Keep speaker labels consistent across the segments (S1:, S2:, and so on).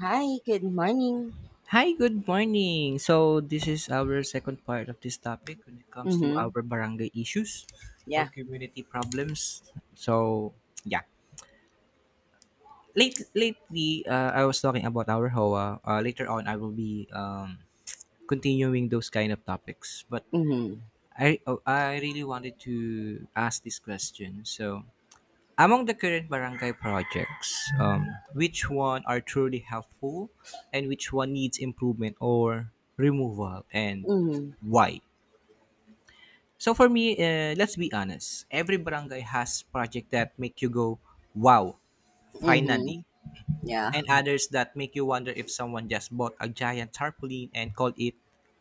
S1: Hi, good morning.
S2: Hi, good morning. So, this is our second part of this topic when it comes to
S1: Mm-hmm.
S2: our barangay issues or
S1: Yeah.
S2: community problems. So, yeah. Lately, I was talking about our HOA. Later on, I will be continuing those kind of topics. But
S1: Mm-hmm.
S2: I really wanted to ask this question. So, among the current barangay projects, which one are truly helpful and which one needs improvement or removal, and
S1: Mm-hmm.
S2: why? So for me, let's be honest. Every barangay has project that make you go, wow,
S1: Mm-hmm.
S2: finally.
S1: Yeah.
S2: And others that make you wonder if someone just bought a giant tarpaulin and called it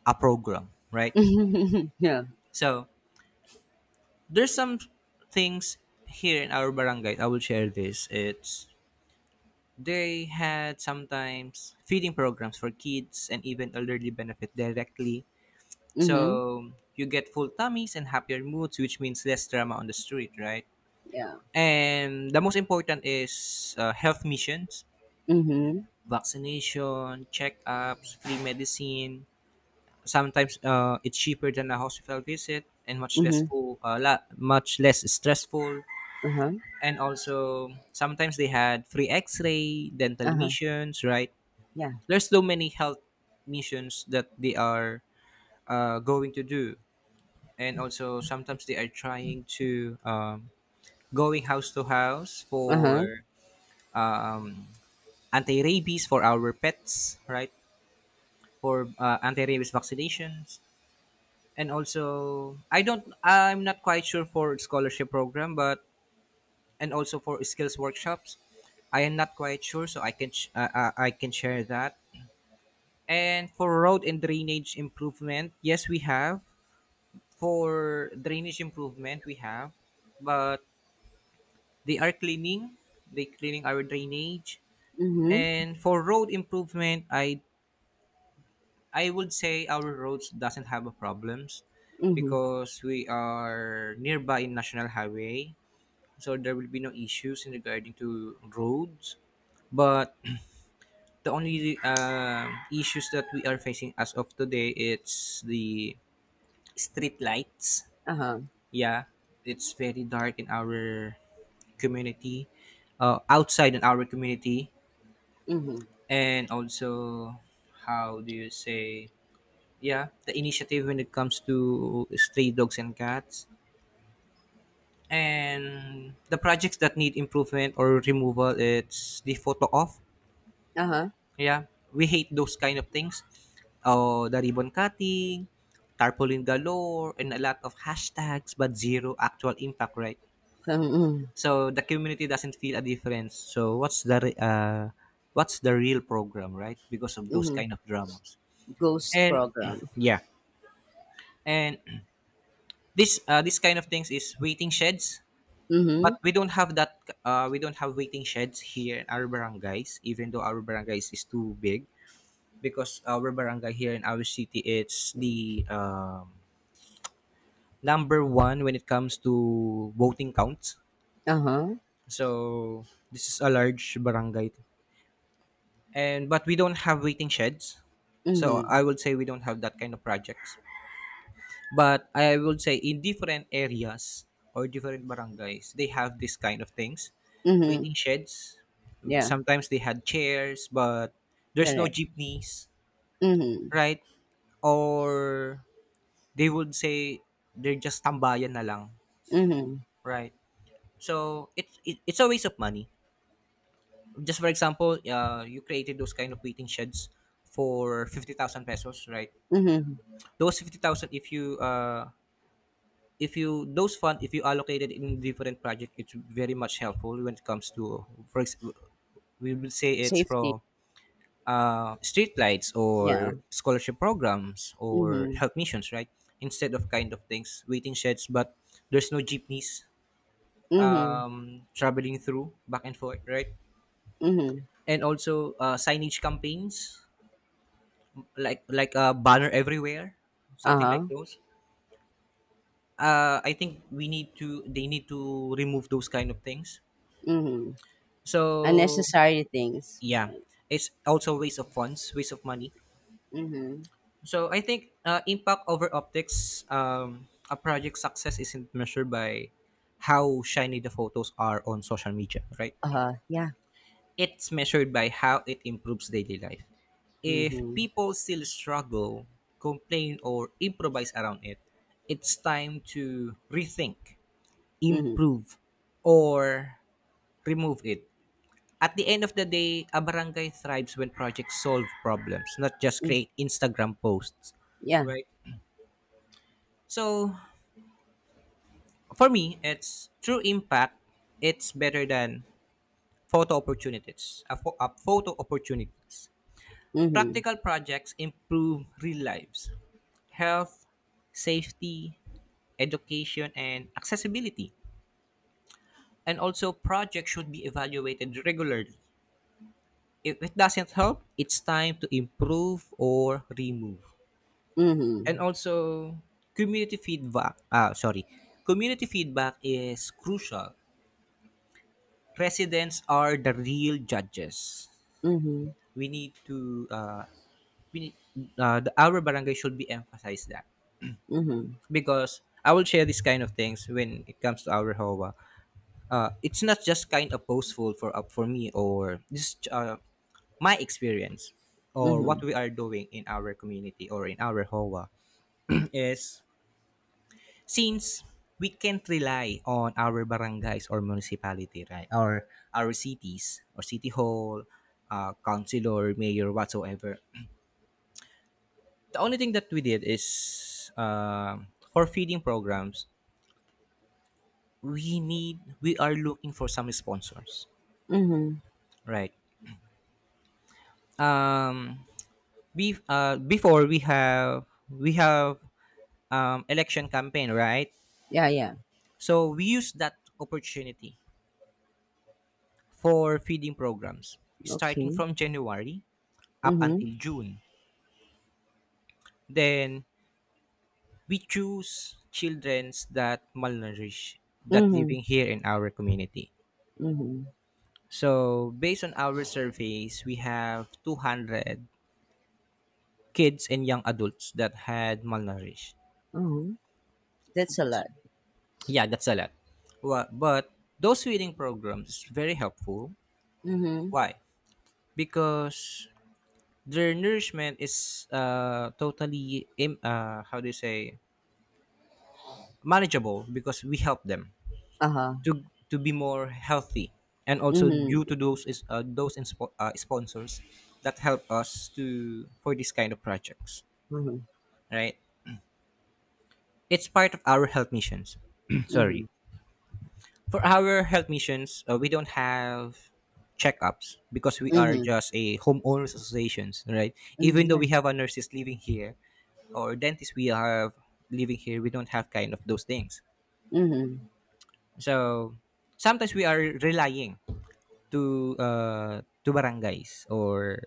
S2: a program, right?
S1: Yeah.
S2: So there's some things here in our barangay. I will share this. It's They had sometimes feeding programs for kids, and even elderly benefit directly.
S1: Mm-hmm.
S2: So you get full tummies and happier moods, which means less drama on the street, right?
S1: Yeah.
S2: And the most important is health missions,
S1: Mm-hmm.
S2: vaccination, checkups, free medicine. Sometimes it's cheaper than a hospital visit and much less
S1: Mm-hmm.
S2: much less stressful.
S1: Uh-huh.
S2: And also sometimes they had free X-ray, dental
S1: Uh-huh.
S2: missions, right?
S1: Yeah.
S2: There's so many health missions that they are going to do. And also sometimes they are trying to going house to house
S1: Uh-huh.
S2: for um, anti-rabies for our pets, right? For anti-rabies vaccinations. And also I'm not quite sure for scholarship program, but and also for skills workshops, I am not quite sure, so I can share that. And for road and drainage improvement, yes, we have. For drainage improvement, we have, but they are cleaning, they cleaning our drainage.
S1: Mm-hmm.
S2: And for road improvement, I would say our roads doesn't have a problems,
S1: Mm-hmm.
S2: because we are nearby in national highway, so there will be no issues in regarding to roads. But the only issues that we are facing as of today, it's the street lights.
S1: Uh-huh.
S2: Yeah, it's very dark in our community, outside in our community.
S1: Mm-hmm.
S2: And also, how do you say, yeah, the initiative when it comes to stray dogs and cats. And the projects that need improvement or removal, it's the photo off.
S1: Uh-huh.
S2: Yeah, we hate those kind of things. Oh, the ribbon cutting, tarpaulin galore, and a lot of hashtags, but zero actual impact, right?
S1: Mm-hmm.
S2: So the community doesn't feel a difference. So what's the real program, right? Because of those
S1: Mm-hmm.
S2: kind of dramas.
S1: Ghost
S2: And
S1: program.
S2: yeah, and this kind of things is waiting sheds. But
S1: Mm-hmm.
S2: we don't have that. We don't have waiting sheds here in our barangays, even though our barangays is too big. Because our barangay here in our city, it's the number one when it comes to voting counts.
S1: Uh-huh.
S2: So this is a large barangay, and but we don't have waiting sheds. So
S1: Mm-hmm.
S2: I would say we don't have that kind of projects, but I would say in different areas or different barangays, they have this kind of things,
S1: Mm-hmm.
S2: waiting sheds.
S1: Yeah.
S2: Sometimes they had chairs, but there's no
S1: Correct.
S2: jeepneys,
S1: Mm-hmm.
S2: right? Or they would say they're just tambayan na lang,
S1: Mm-hmm.
S2: right? So it's a waste of money. Just for example, you created those kind of waiting sheds for 50,000 pesos, right?
S1: Mm-hmm.
S2: Those 50,000, if you, those fund, if you allocated in different project, it's very much helpful when it comes to we will say it's
S1: Safety.
S2: from streetlights or
S1: Yeah.
S2: scholarship programs or
S1: Mm-hmm.
S2: health missions, right? Instead of kind of things, waiting sheds, but there's no jeepneys
S1: Mm-hmm.
S2: traveling through back and forth, right?
S1: Mm-hmm.
S2: And also signage campaigns, like a banner everywhere, something like
S1: Uh-huh.
S2: those. Uh, I think we need to they need to remove those kind of things.
S1: Mm-hmm.
S2: So
S1: Unnecessary things.
S2: yeah, it's also waste of funds, waste of money.
S1: Mhm.
S2: So I think impact over optics. A project success isn't measured by how shiny the photos are on social media, right?
S1: Yeah.
S2: It's measured by how it improves daily life. If
S1: Mhm.
S2: people still struggle, complain, or improvise around it, it's time to rethink,
S1: Mhm.
S2: improve, or remove it. At the end of the day, a barangay thrives when projects solve problems, not just
S1: Mm.
S2: create Instagram posts.
S1: Yeah.
S2: Right? So, for me, it's true impact. It's better than photo opportunities. A photo opportunities.
S1: Mhm.
S2: Practical projects improve real lives, health, safety, education, and accessibility. And also, projects should be evaluated regularly. If it doesn't help, it's time to improve or remove. And
S1: Mhm.
S2: also, community feedback. Ah, sorry, community feedback is crucial. Residents are the real judges.
S1: Mhm.
S2: We need to we need, the, our barangay should be emphasized that,
S1: Mhm.
S2: because I will share this kind of things when it comes to our HOA. Uh, it's not just kind of boastful for me, or just my experience or what
S1: Mhm.
S2: we are doing in our community or in our HOA. Is, since we can't rely on our barangays or municipality, right? Or our cities or city hall, councilor, mayor, whatsoever. The only thing that we did is for feeding programs, we are looking for some sponsors,
S1: Mhm.
S2: right? Um, Before we have election campaign, right?
S1: Yeah, yeah.
S2: So we use that opportunity for feeding programs, starting
S1: Okay.
S2: from January up
S1: Mhm.
S2: until June. Then we choose childrens that malnourished, that
S1: Mhm.
S2: living here in our community.
S1: Mhm.
S2: So based on our surveys, we have 200 kids and young adults that had malnourished.
S1: Mhm. That's a lot.
S2: Yeah, that's a lot. Well, but those feeding programs is very helpful.
S1: Mhm.
S2: Why? Because their nourishment is how do you say, manageable, because we help them
S1: Uh-huh.
S2: to to be more healthy. And also
S1: Mhm.
S2: due to those is sponsors that help us to for this kind of projects,
S1: Mhm.
S2: right? It's part of our health missions. Sorry.
S1: Mhm.
S2: For our health missions, we don't have checkups, because we are
S1: Mhm.
S2: just a homeowners associations, right?
S1: Mhm.
S2: Even though we
S1: Yeah.
S2: have our nurses living here or dentists we have living here, we don't have kind of those things.
S1: Mhm.
S2: So sometimes we are relying to uh, to barangays or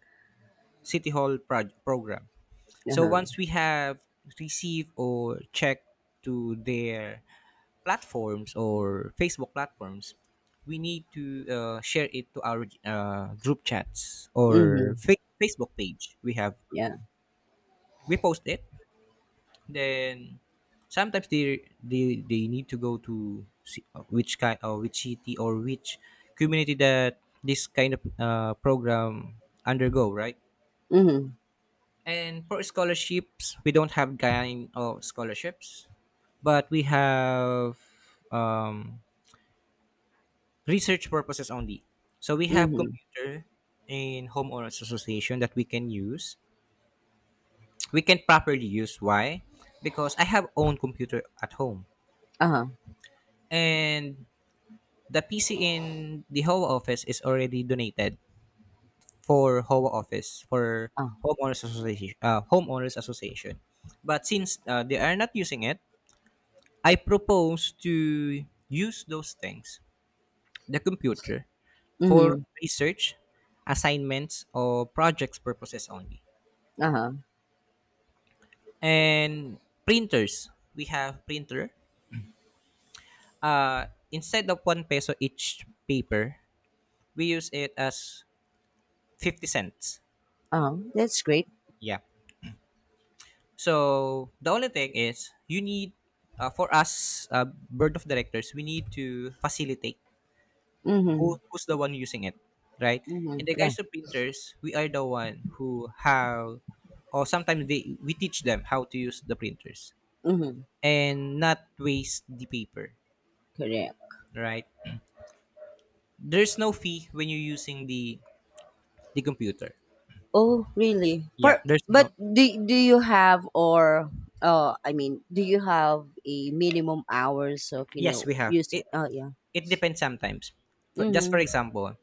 S2: program. So
S1: Uh-huh.
S2: once we have received or checked to their platforms or Facebook platforms, we need to share it to our group chats
S1: Mhm.
S2: or Facebook page we have.
S1: Yeah.
S2: We post it. Then sometimes they need to go to which kind, or which city or which community that this kind of program undergo. Right.
S1: Mhm.
S2: And for scholarships, we don't have kind of scholarships, but we have um, research purposes only. So we have
S1: Mhm.
S2: computer in homeowners association that we can use. We can properly use. Why? Because I have own computer at home,
S1: Uh-huh.
S2: and the PC in the HOA office is already donated for HOA office for
S1: Uh.
S2: homeowners association. Homeowners association, but since they are not using it, I propose to use those things, the computer, for
S1: Mhm.
S2: research, assignments, or projects purposes only.
S1: Uh-huh.
S2: And printers, we have printer. Instead of one peso each paper, we use it as 50 cents.
S1: Uh-huh. That's great.
S2: Yeah. So the only thing is you need, for us, board of directors, we need to facilitate
S1: Mhm.
S2: who's the one using it, right? In
S1: Mhm.
S2: the
S1: Yeah.
S2: guys of printers, we are the one who have, or sometimes they we teach them how to use the printers
S1: Mhm.
S2: and not waste the paper,
S1: Correct.
S2: right? There's no fee when you're using the computer.
S1: Oh, really?
S2: Yeah,
S1: But
S2: there's
S1: but
S2: no.
S1: do you have or I mean, do you have a minimum hours of
S2: Yes, we have.
S1: using?
S2: It
S1: Oh, yeah.
S2: it depends sometimes. For, just for
S1: Mm-hmm.
S2: example,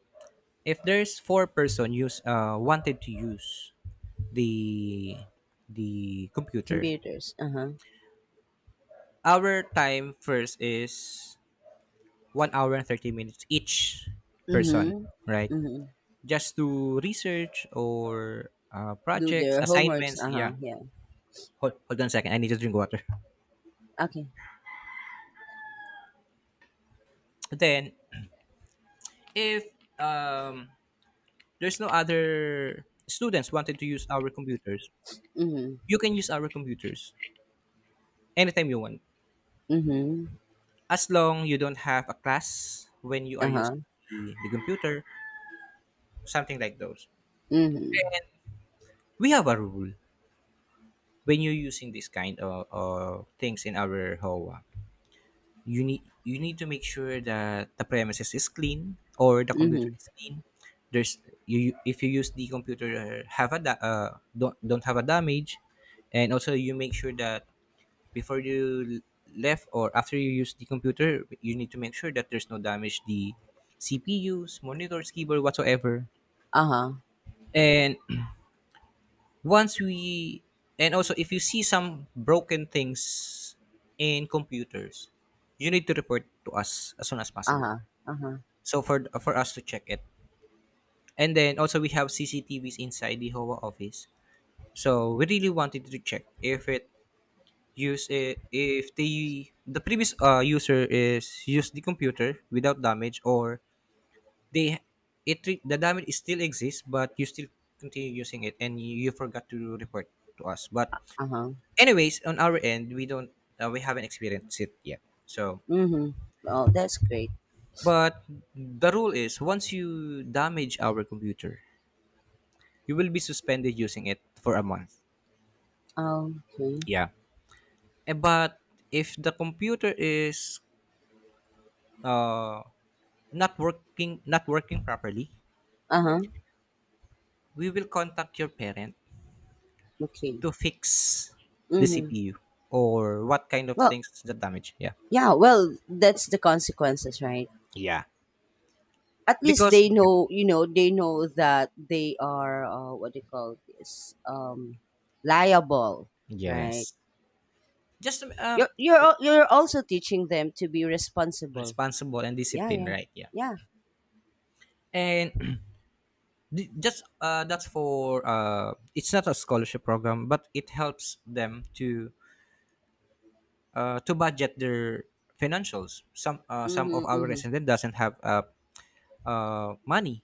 S2: if there's four-person use wanted to use the the computer,
S1: Computers. Uh huh.
S2: our time first is 1 hour and 30 minutes each person,
S1: Mm-hmm.
S2: right?
S1: Mm-hmm.
S2: Just to research or
S1: Do
S2: projects,
S1: their homeworks.
S2: assignments.
S1: Uh
S2: Yeah.
S1: huh. Yeah.
S2: Hold on a second. I need to drink water.
S1: Okay.
S2: Then, if um, there's no other students wanted to use our computers,
S1: Mm-hmm.
S2: you can use our computers anytime you want.
S1: Mm-hmm.
S2: As long you don't have a class when you are
S1: Uh
S2: using
S1: huh.
S2: the computer, something like those.
S1: Mm-hmm.
S2: And we have a rule when you're using this kind of things in our HOA, you need to make sure that the premises is clean or the computer
S1: Mm-hmm.
S2: is clean. There's you if you use the computer, don't have a damage. And also you make sure that before you left or after you use the computer, you need to make sure that there's no damage, the CPUs, monitors, keyboard, whatsoever.
S1: Uh huh.
S2: And once we and also, if you see some broken things in computers, you need to report to us as soon as
S1: Uh
S2: possible,
S1: huh. Uh huh.
S2: so for us to check it. And then also we have CCTVs inside the HOA office, so we really wanted to check if it use it, if the previous user is used the computer without damage, or they the damage is still exists but you still continue using it and you forgot to report to us. But
S1: Uh huh.
S2: anyways, on our end, we haven't experienced it yet. So
S1: Mm-hmm. Oh, that's great.
S2: but the rule is once you damage our computer, you will be suspended using it for a month.
S1: Okay.
S2: Yeah. But if the computer is uh, not working properly,
S1: Uh huh.
S2: we will contact your parent
S1: Okay.
S2: to fix the
S1: Mm-hmm.
S2: CPU or what kind of
S1: Well,
S2: things the damage. Yeah.
S1: yeah, well, that's the consequences, right?
S2: Yeah.
S1: At least
S2: Because
S1: they
S2: yeah.
S1: know, they know that they are what do you call this? Liable, right?
S2: Yes. Just
S1: You're also teaching them to be responsible.
S2: responsible and
S1: Yeah,
S2: disciplined,
S1: yeah,
S2: right? Yeah.
S1: yeah.
S2: And di- just that's for it's not a scholarship program, but it helps them to to budget their financials. Some
S1: Mm-hmm,
S2: of our
S1: mm-hmm.
S2: resident doesn't have money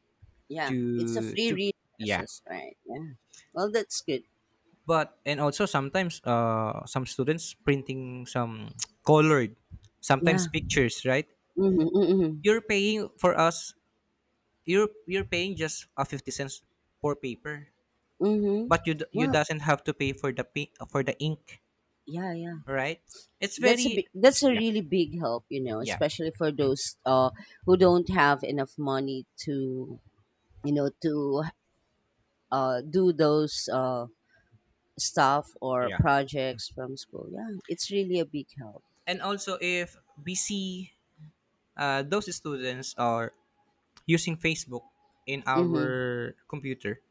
S1: Yeah, it's a
S2: to
S1: free
S2: to Yeah.
S1: resources, right? Yeah. Well, that's good.
S2: But And also sometimes some students printing some colored, sometimes
S1: Yeah.
S2: pictures, right?
S1: Mm-hmm, mm-hmm,
S2: You're paying for us. You're paying just a 50 cents for paper,
S1: mm-hmm.
S2: but you
S1: Well,
S2: doesn't have to pay for for the ink,
S1: yeah, yeah.
S2: right? It's
S1: that's a
S2: very.
S1: big, that's a
S2: Yeah.
S1: really big help, you know, especially for those who don't have enough money to you know to do those stuff or projects from school. Yeah, it's really a big help.
S2: And also if we see those students are using Facebook in
S1: Mm-hmm.
S2: our computer,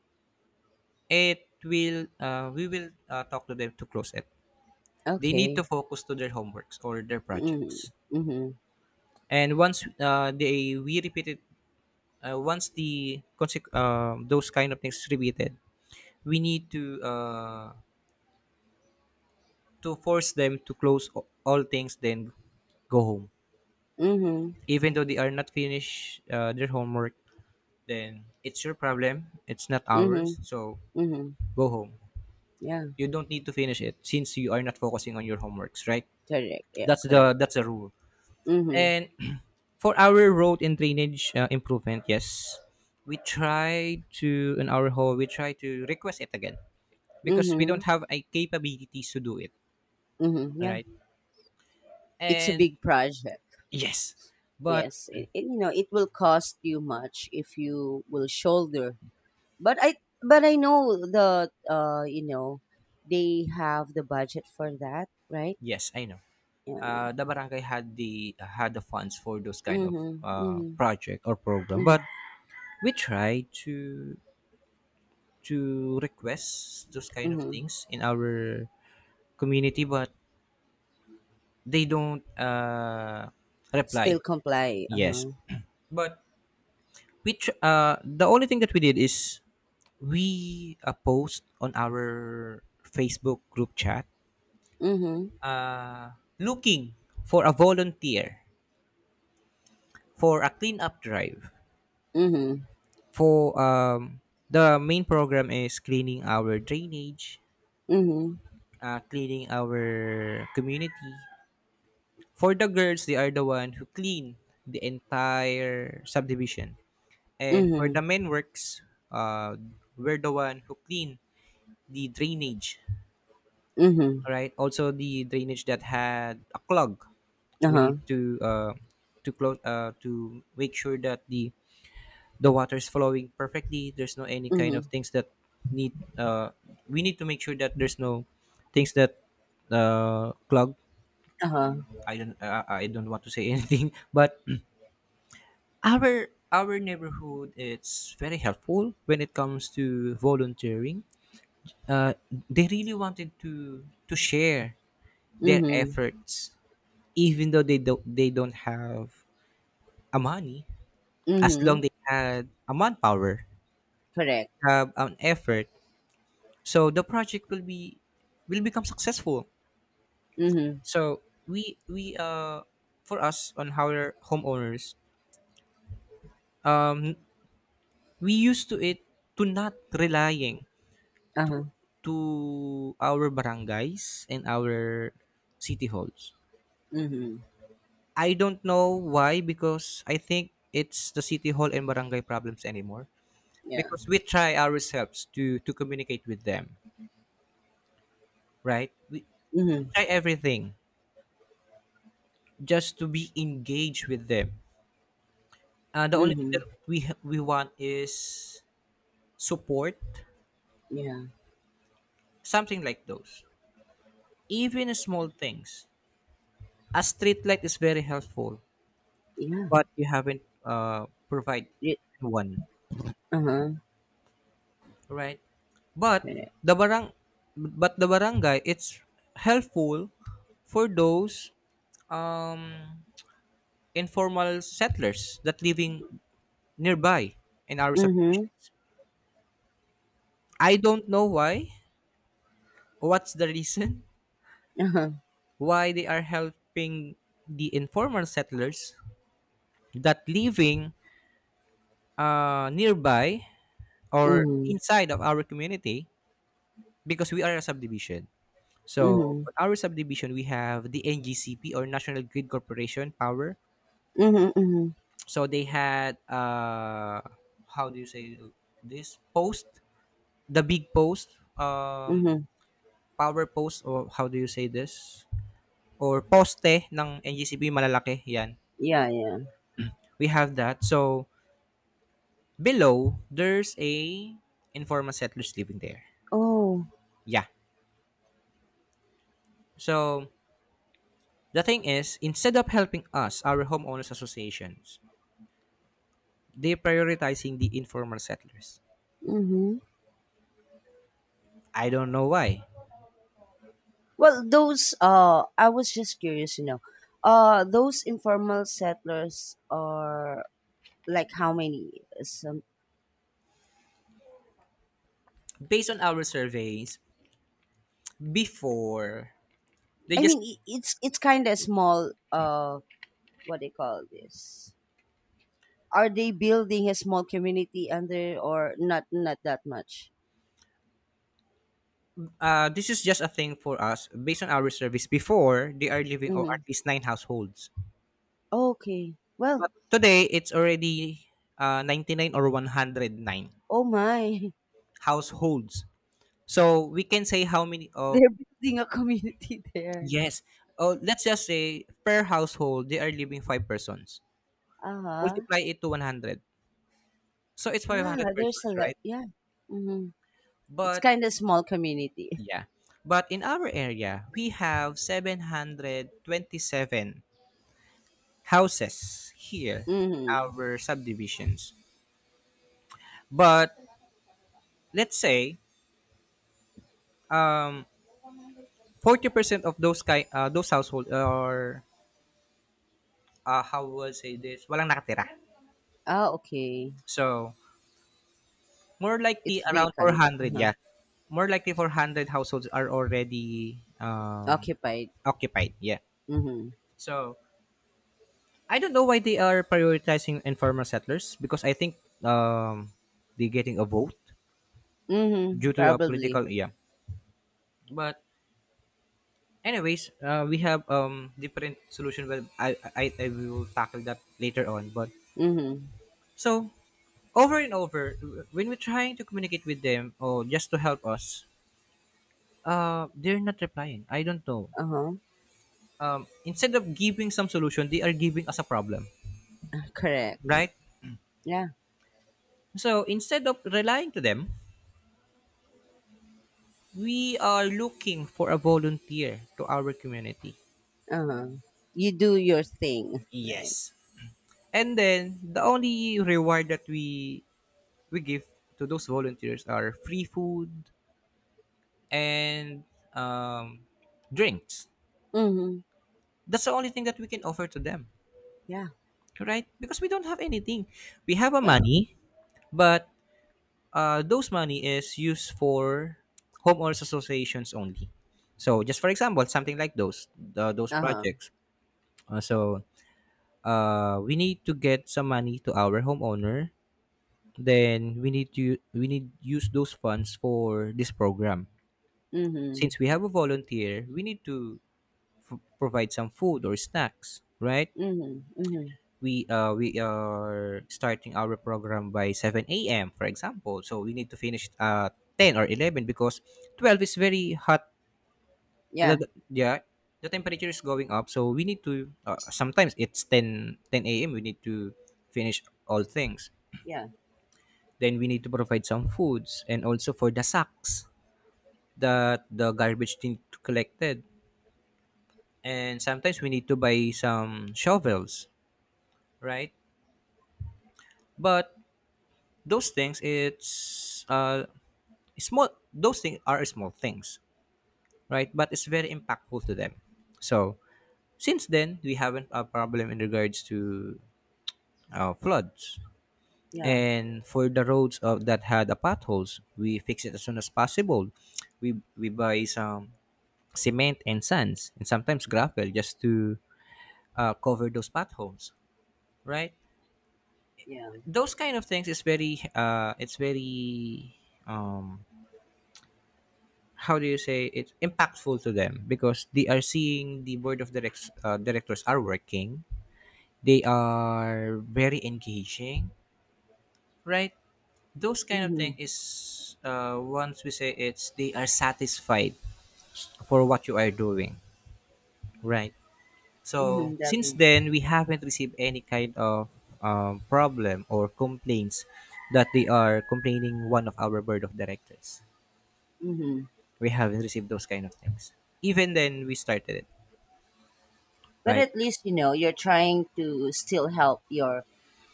S2: it will we will talk to them to close it. They need to
S1: Okay.
S2: focus to their homeworks or their
S1: Mm-hmm.
S2: projects.
S1: Mm-hmm.
S2: And once those kind of things is repeated, we need to force them to close all things then go home.
S1: Mm-hmm.
S2: Even though they are not finished their homework, then it's your problem. It's not
S1: Mm-hmm.
S2: ours. So
S1: Mm-hmm.
S2: go home,
S1: Yeah,
S2: you don't need to finish it since you are not focusing on your homeworks, right?
S1: correct. Yeah,
S2: that's the
S1: correct.
S2: that's the rule.
S1: Mm-hmm.
S2: And for our road and drainage improvement, yes, we try to in our hall we try to request it again because we
S1: Mm-hmm.
S2: don't have a capabilities to do it.
S1: Mm-hmm.
S2: All
S1: Yeah,
S2: right.
S1: it's a
S2: And
S1: big project.
S2: yes, but
S1: Yes, you know it will cost you much if you will shoulder. But I but I know they have the budget for that, right?
S2: yes, I know.
S1: Yeah, yeah.
S2: The barangay had the funds for those kind of
S1: Mhm. Mhm.
S2: project or program, but
S1: Mhm.
S2: we try to request those kind of
S1: Mhm.
S2: things in our community, but they don't reply.
S1: Still comply.
S2: Yes,
S1: Uh-huh.
S2: but which the only thing that we did is we post on our Facebook group chat
S1: Mhm.
S2: uh, looking for a volunteer for a cleanup drive.
S1: Mhm.
S2: For the main program is cleaning our drainage,
S1: Mhm.
S2: cleaning our community. For the girls, they are the one who clean the entire subdivision. And for the
S1: Mhm.
S2: men works, uh, we're the one who clean the drainage,
S1: Mhm.
S2: right? Also the drainage that had a clog, we need
S1: Uh-huh.
S2: to make sure that the water is flowing perfectly. There's no any kind of
S1: Mhm.
S2: things that need we need to make sure that there's no things that clog.
S1: Uh-huh.
S2: I don't want to say anything, but our neighborhood it's very helpful when it comes to volunteering. uh, they really wanted to share their
S1: Mhm.
S2: efforts, even though they don't have a money. As long
S1: Mhm.
S2: they had a manpower,
S1: Correct.
S2: have an effort, so the project will be will become successful.
S1: Mhm.
S2: So we for us on our homeowners, um we used to it to not relying
S1: Uh-huh.
S2: to our barangays and our city halls.
S1: Mhm.
S2: I don't know why because I think it's the city hall and barangay problems anymore
S1: Yeah.
S2: because we try ourselves to communicate with them, right? We
S1: Mhm.
S2: try everything just to be engaged with them. The only thing
S1: Mhm.
S2: that we want is support,
S1: Yeah.
S2: something like those. Even small things. A street light is very helpful,
S1: Yeah.
S2: but you haven't provide one.
S1: Uh-huh.
S2: Right. But
S1: Correct.
S2: the barang the barangay it's helpful for those um informal settlers that living nearby in our
S1: Mhm.
S2: subdivisions. I don't know why, what's the reason
S1: Uh-huh.
S2: why they are helping the informal settlers that living nearby or
S1: Mhm.
S2: inside of our community because we are a subdivision. So
S1: Mhm.
S2: on our subdivision, we have the NGCP or National Grid Corporation Power.
S1: Mhm. Mhm.
S2: So they had how do you say this post, the big post,
S1: Mhm.
S2: power post or how do you say this, or poste ng NGCP malalaki yan.
S1: Yeah, yeah.
S2: We have that. So below there's a informal settlers living there.
S1: Oh,
S2: Yeah. So the thing is, instead of helping us, our homeowners associations, they prioritizing the informal settlers.
S1: mm-hmm.
S2: I don't know why.
S1: Well, those I was just curious, those informal settlers are like how many? Some,
S2: Based on our surveys before, they
S1: I
S2: just
S1: mean, it's kind of small. What they call this? Are they building a small community under or not? Not that much.
S2: this is just a thing for us. Based on our surveys before, they are living or at
S1: Mm-hmm.
S2: least nine households.
S1: Okay.
S2: But
S1: Well,
S2: today it's already 99 or 109
S1: oh my,
S2: households. So we can say how many. Oh,
S1: they're building a community there.
S2: yes. Oh, let's just say per household they are living five persons.
S1: Uh huh.
S2: Multiply it to 100. So it's
S1: Yeah,
S2: 500
S1: there's a
S2: persons,
S1: lot.
S2: right?
S1: Yeah. Mm-hmm. It's
S2: But
S1: kind of small community.
S2: Yeah. But in our area, we have 727 houses here in
S1: Mhm.
S2: our subdivisions. But let's say um 40% of those household are how will I say this, walang nakatira.
S1: Oh, okay.
S2: So, more likely
S1: It's
S2: around
S1: vacant.
S2: 400,
S1: Uh-huh.
S2: yeah. More likely 400 households are already
S1: Occupied.
S2: occupied, yeah.
S1: Mhm.
S2: So, I don't know why they are prioritizing informal settlers because I think um, they're getting a vote
S1: Mhm.
S2: due to a
S1: Probably.
S2: political, yeah. But anyways, we have different solution. But I will tackle that later on. But
S1: Mhm.
S2: so over and over, when we're trying to communicate with them or just to help us, they're not replying. I don't know.
S1: Uh-huh.
S2: Instead of giving some solution, they are giving us a problem,
S1: Correct.
S2: right?
S1: Yeah.
S2: So instead of relying to them, we are looking for a volunteer to our community.
S1: Uh-huh. You do your thing, right?
S2: Yes. And then the only reward that we give to those volunteers are free food and um, drinks.
S1: Mhm.
S2: That's the only thing that we can offer to them,
S1: Yeah.
S2: right? Because we don't have anything. We have a
S1: Yeah.
S2: money, but those money is used for homeowners associations only. So just for example, something like those
S1: Uh-huh.
S2: projects. So we need to get some money to our homeowner, then we need to we need use those funds for this program since
S1: Mhm.
S2: we have a volunteer. We need to provide some food or snacks, right?
S1: Mhm. Mhm.
S2: We are starting our program by 7 a.m for example, so we need to finish at 10 or 11 because 12 is very hot.
S1: Yeah.
S2: Yeah. The temperature is going up, so we need to, sometimes it's 10:10 a.m., we need to finish all things.
S1: Yeah.
S2: Then we need to provide some foods and also for the sacks that the garbage need to collected, and sometimes we need to buy some shovels, right? But those things it's small. Those things are small things, right, but it's very impactful to them. So since then, we haven't a problem in regards to floods.
S1: Yeah.
S2: And for the roads of that had the potholes, we fix it as soon as possible. We buy some cement and sands and sometimes gravel just to cover those potholes, right.
S1: Yeah.
S2: Those kind of things is very, it's very, um, how do you say, it's impactful to them because they are seeing the board of directors are working. They are very engaging, right. Those kind of thing
S1: Mhm.
S2: is, once we say, it's they are satisfied for what you are doing, right. So
S1: Mhm.
S2: since
S1: Definitely.
S2: then, we haven't received any kind of problem or complaints that they are complaining one of our board of directors.
S1: Mhm.
S2: We haven't received those kind of things. Even then, we started it,
S1: But
S2: right?
S1: at least you know you're trying to still help your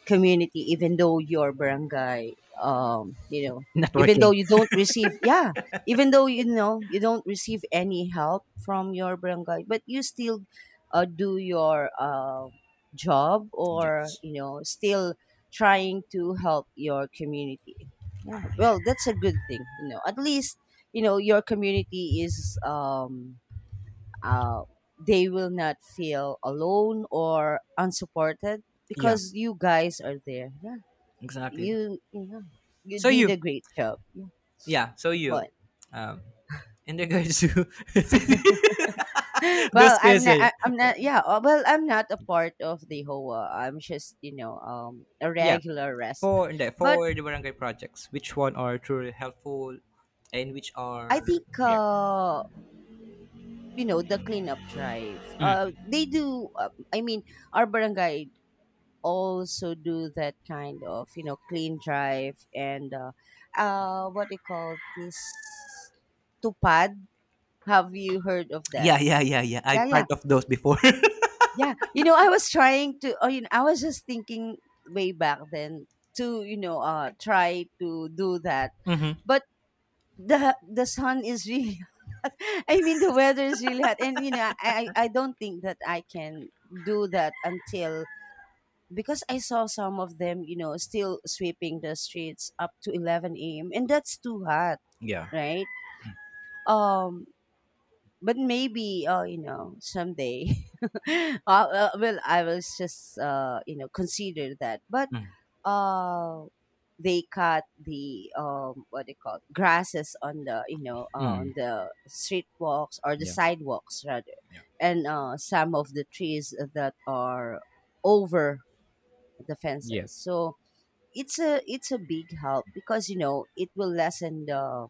S1: community, even though your barangay you know
S2: Not
S1: even though
S2: working.
S1: you don't receive, yeah, even though you know you don't receive any help from your barangay, but you still do your job or
S2: Yes.
S1: still trying to help your community. Yeah, well, that's a good thing. You know, at least you know your community is uh, they will not feel alone or unsupported
S2: Yeah.
S1: because you guys are there. Yeah,
S2: Exactly.
S1: you, yeah, you
S2: So
S1: did
S2: you.
S1: a great job. Yeah,
S2: Yeah. So you.
S1: but
S2: Um, in regards to those
S1: well, I'm not.
S2: questions.
S1: I'm not. Yeah, well, I'm not a part of the HOA. I'm just a
S2: Yeah.
S1: regular resident.
S2: For hindi,
S1: But
S2: for the barangay projects, which one are truly helpful and which
S1: I
S2: are
S1: think the cleanup drive.
S2: hmm.
S1: They do. I mean, our barangay also do that kind of clean drive, and what do you call this, tupad, have you heard of that?
S2: Yeah, yeah, yeah, yeah. I
S1: Yeah,
S2: part
S1: yeah,
S2: of those before.
S1: yeah. You know, I was trying to, I was just thinking way back then to, try to do that.
S2: Mm-hmm.
S1: But the sun is really hot. I mean the weather is really hot, and I don't think that I can do that until because I saw some of them, you know, still sweeping the streets up to 11 a.m., and that's too hot,
S2: Yeah.
S1: right? Um, but maybe, you know, someday, well, I was just, you know, consider that. But
S2: Mm.
S1: uh, they cut the what they call grasses on the,
S2: Mm.
S1: on the street walks, or the
S2: Yeah.
S1: sidewalks rather,
S2: Yeah.
S1: and some of the trees that are over the
S2: Yeah.
S1: fences. So it's a big help because it will lessen the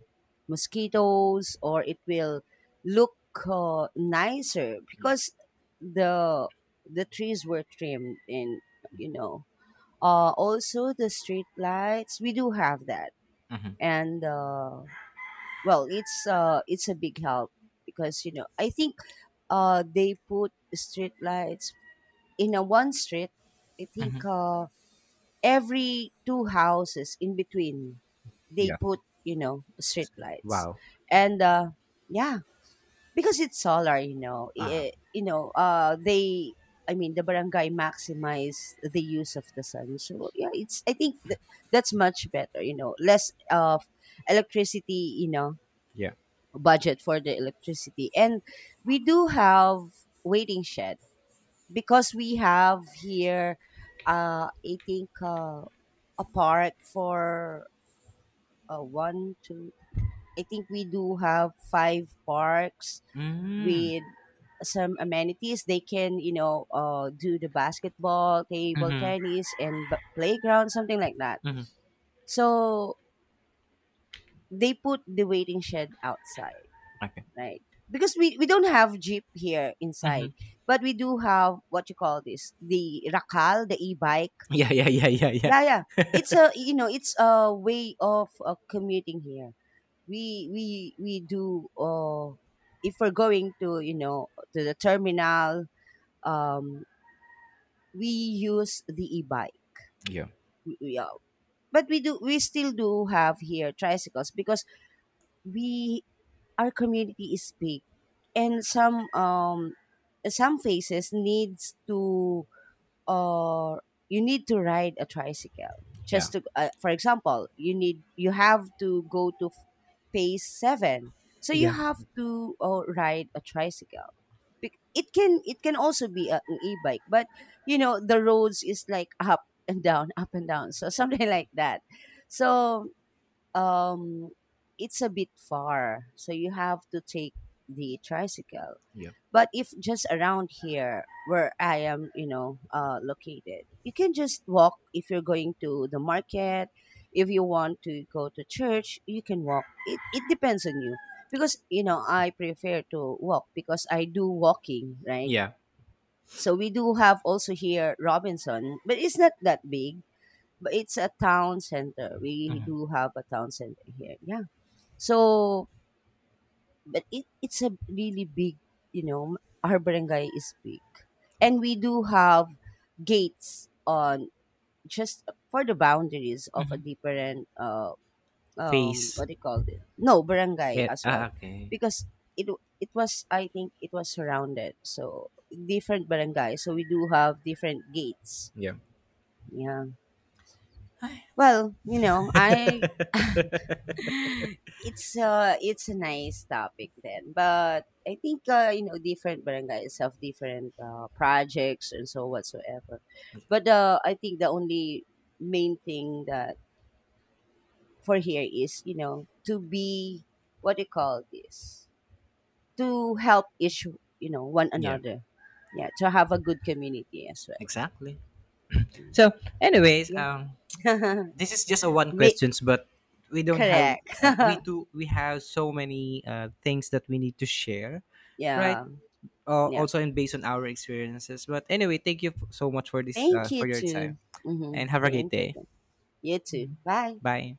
S1: mosquitoes, or it will look nicer
S2: Yeah.
S1: because the the trees were trimmed. And, you know also the street lights, we do have that. And well, it's a big help because I think they put street lights in a one street. I think every two houses in between they
S2: Yeah.
S1: put, street lights.
S2: Wow.
S1: And, yeah, because it's solar,
S2: Ah.
S1: you know they I mean the barangay maximize the use of the sun. So yeah, it's, I think that's much better. You know, less of electricity,
S2: Yeah.
S1: budget for the electricity. And we do have waiting shed because we have here, I think, a park for, one two, I think we do have five parks
S2: Mm.
S1: with some amenities. They can, do the basketball, table
S2: Mm-hmm.
S1: tennis, and b- playground, something like that.
S2: Mm-hmm.
S1: So they put the waiting shed outside,
S2: Okay.
S1: right? Because we don't have jeep here inside,
S2: Mm-hmm.
S1: but we do have what you call this, the rakal, the e-bike.
S2: Yeah, yeah, yeah, yeah, yeah.
S1: Yeah, yeah. It's a way of commuting here. We do, if we're going to, you know, to the terminal, um we use the e-bike.
S2: Yeah.
S1: We, we, uh, we still do have here tricycles because we our community is big, and some faces needs to or you need to ride a tricycle,
S2: Yeah.
S1: just to, for example, you have to go to phase 7. So you
S2: Yeah.
S1: have to, ride a tricycle. It can also be an e-bike, but you know the roads is like up and down, up and down, so something like that. So, um it's a bit far, so you have to take the tricycle.
S2: Yeah.
S1: But if just around here where I am, you know, located, you can just walk if you're going to the market. If you want to go to church, you can walk. It depends on you because, you know, I prefer to walk because I do walking, right?
S2: Yeah.
S1: So we do have also here Robinson, but it's not that big, but it's a town center. We do have a town center here. Yeah. So but it's a really big, you know our barangay is big, and we do have gates on, just for the boundaries of a different
S2: Face.
S1: what do you call it, no, barangay
S2: It.
S1: as well,
S2: Ah, okay.
S1: because it it was, I think it was surrounded, so different barangay, so we do have different gates.
S2: Yeah.
S1: Yeah, well, you know I it's a nice topic then. But I think, different barangays have different projects and so whatsoever. But I think the only main thing that for here is, to be, what do you call this, to help each, one
S2: Yeah.
S1: another. Yeah, to have a good community as well.
S2: Exactly.
S1: Mm.
S2: So, anyways,
S1: Yeah.
S2: this is just a one
S1: Make.
S2: questions, but we don't have
S1: Correct.
S2: we do. We have so many things that we need to share, right?
S1: Yeah, yeah,
S2: Also and based on our experiences. But anyway, thank you so much
S1: thank you
S2: for your time
S1: too. Hmm,
S2: and have a great
S1: thank you.
S2: day.
S1: You too. Bye.
S2: Bye.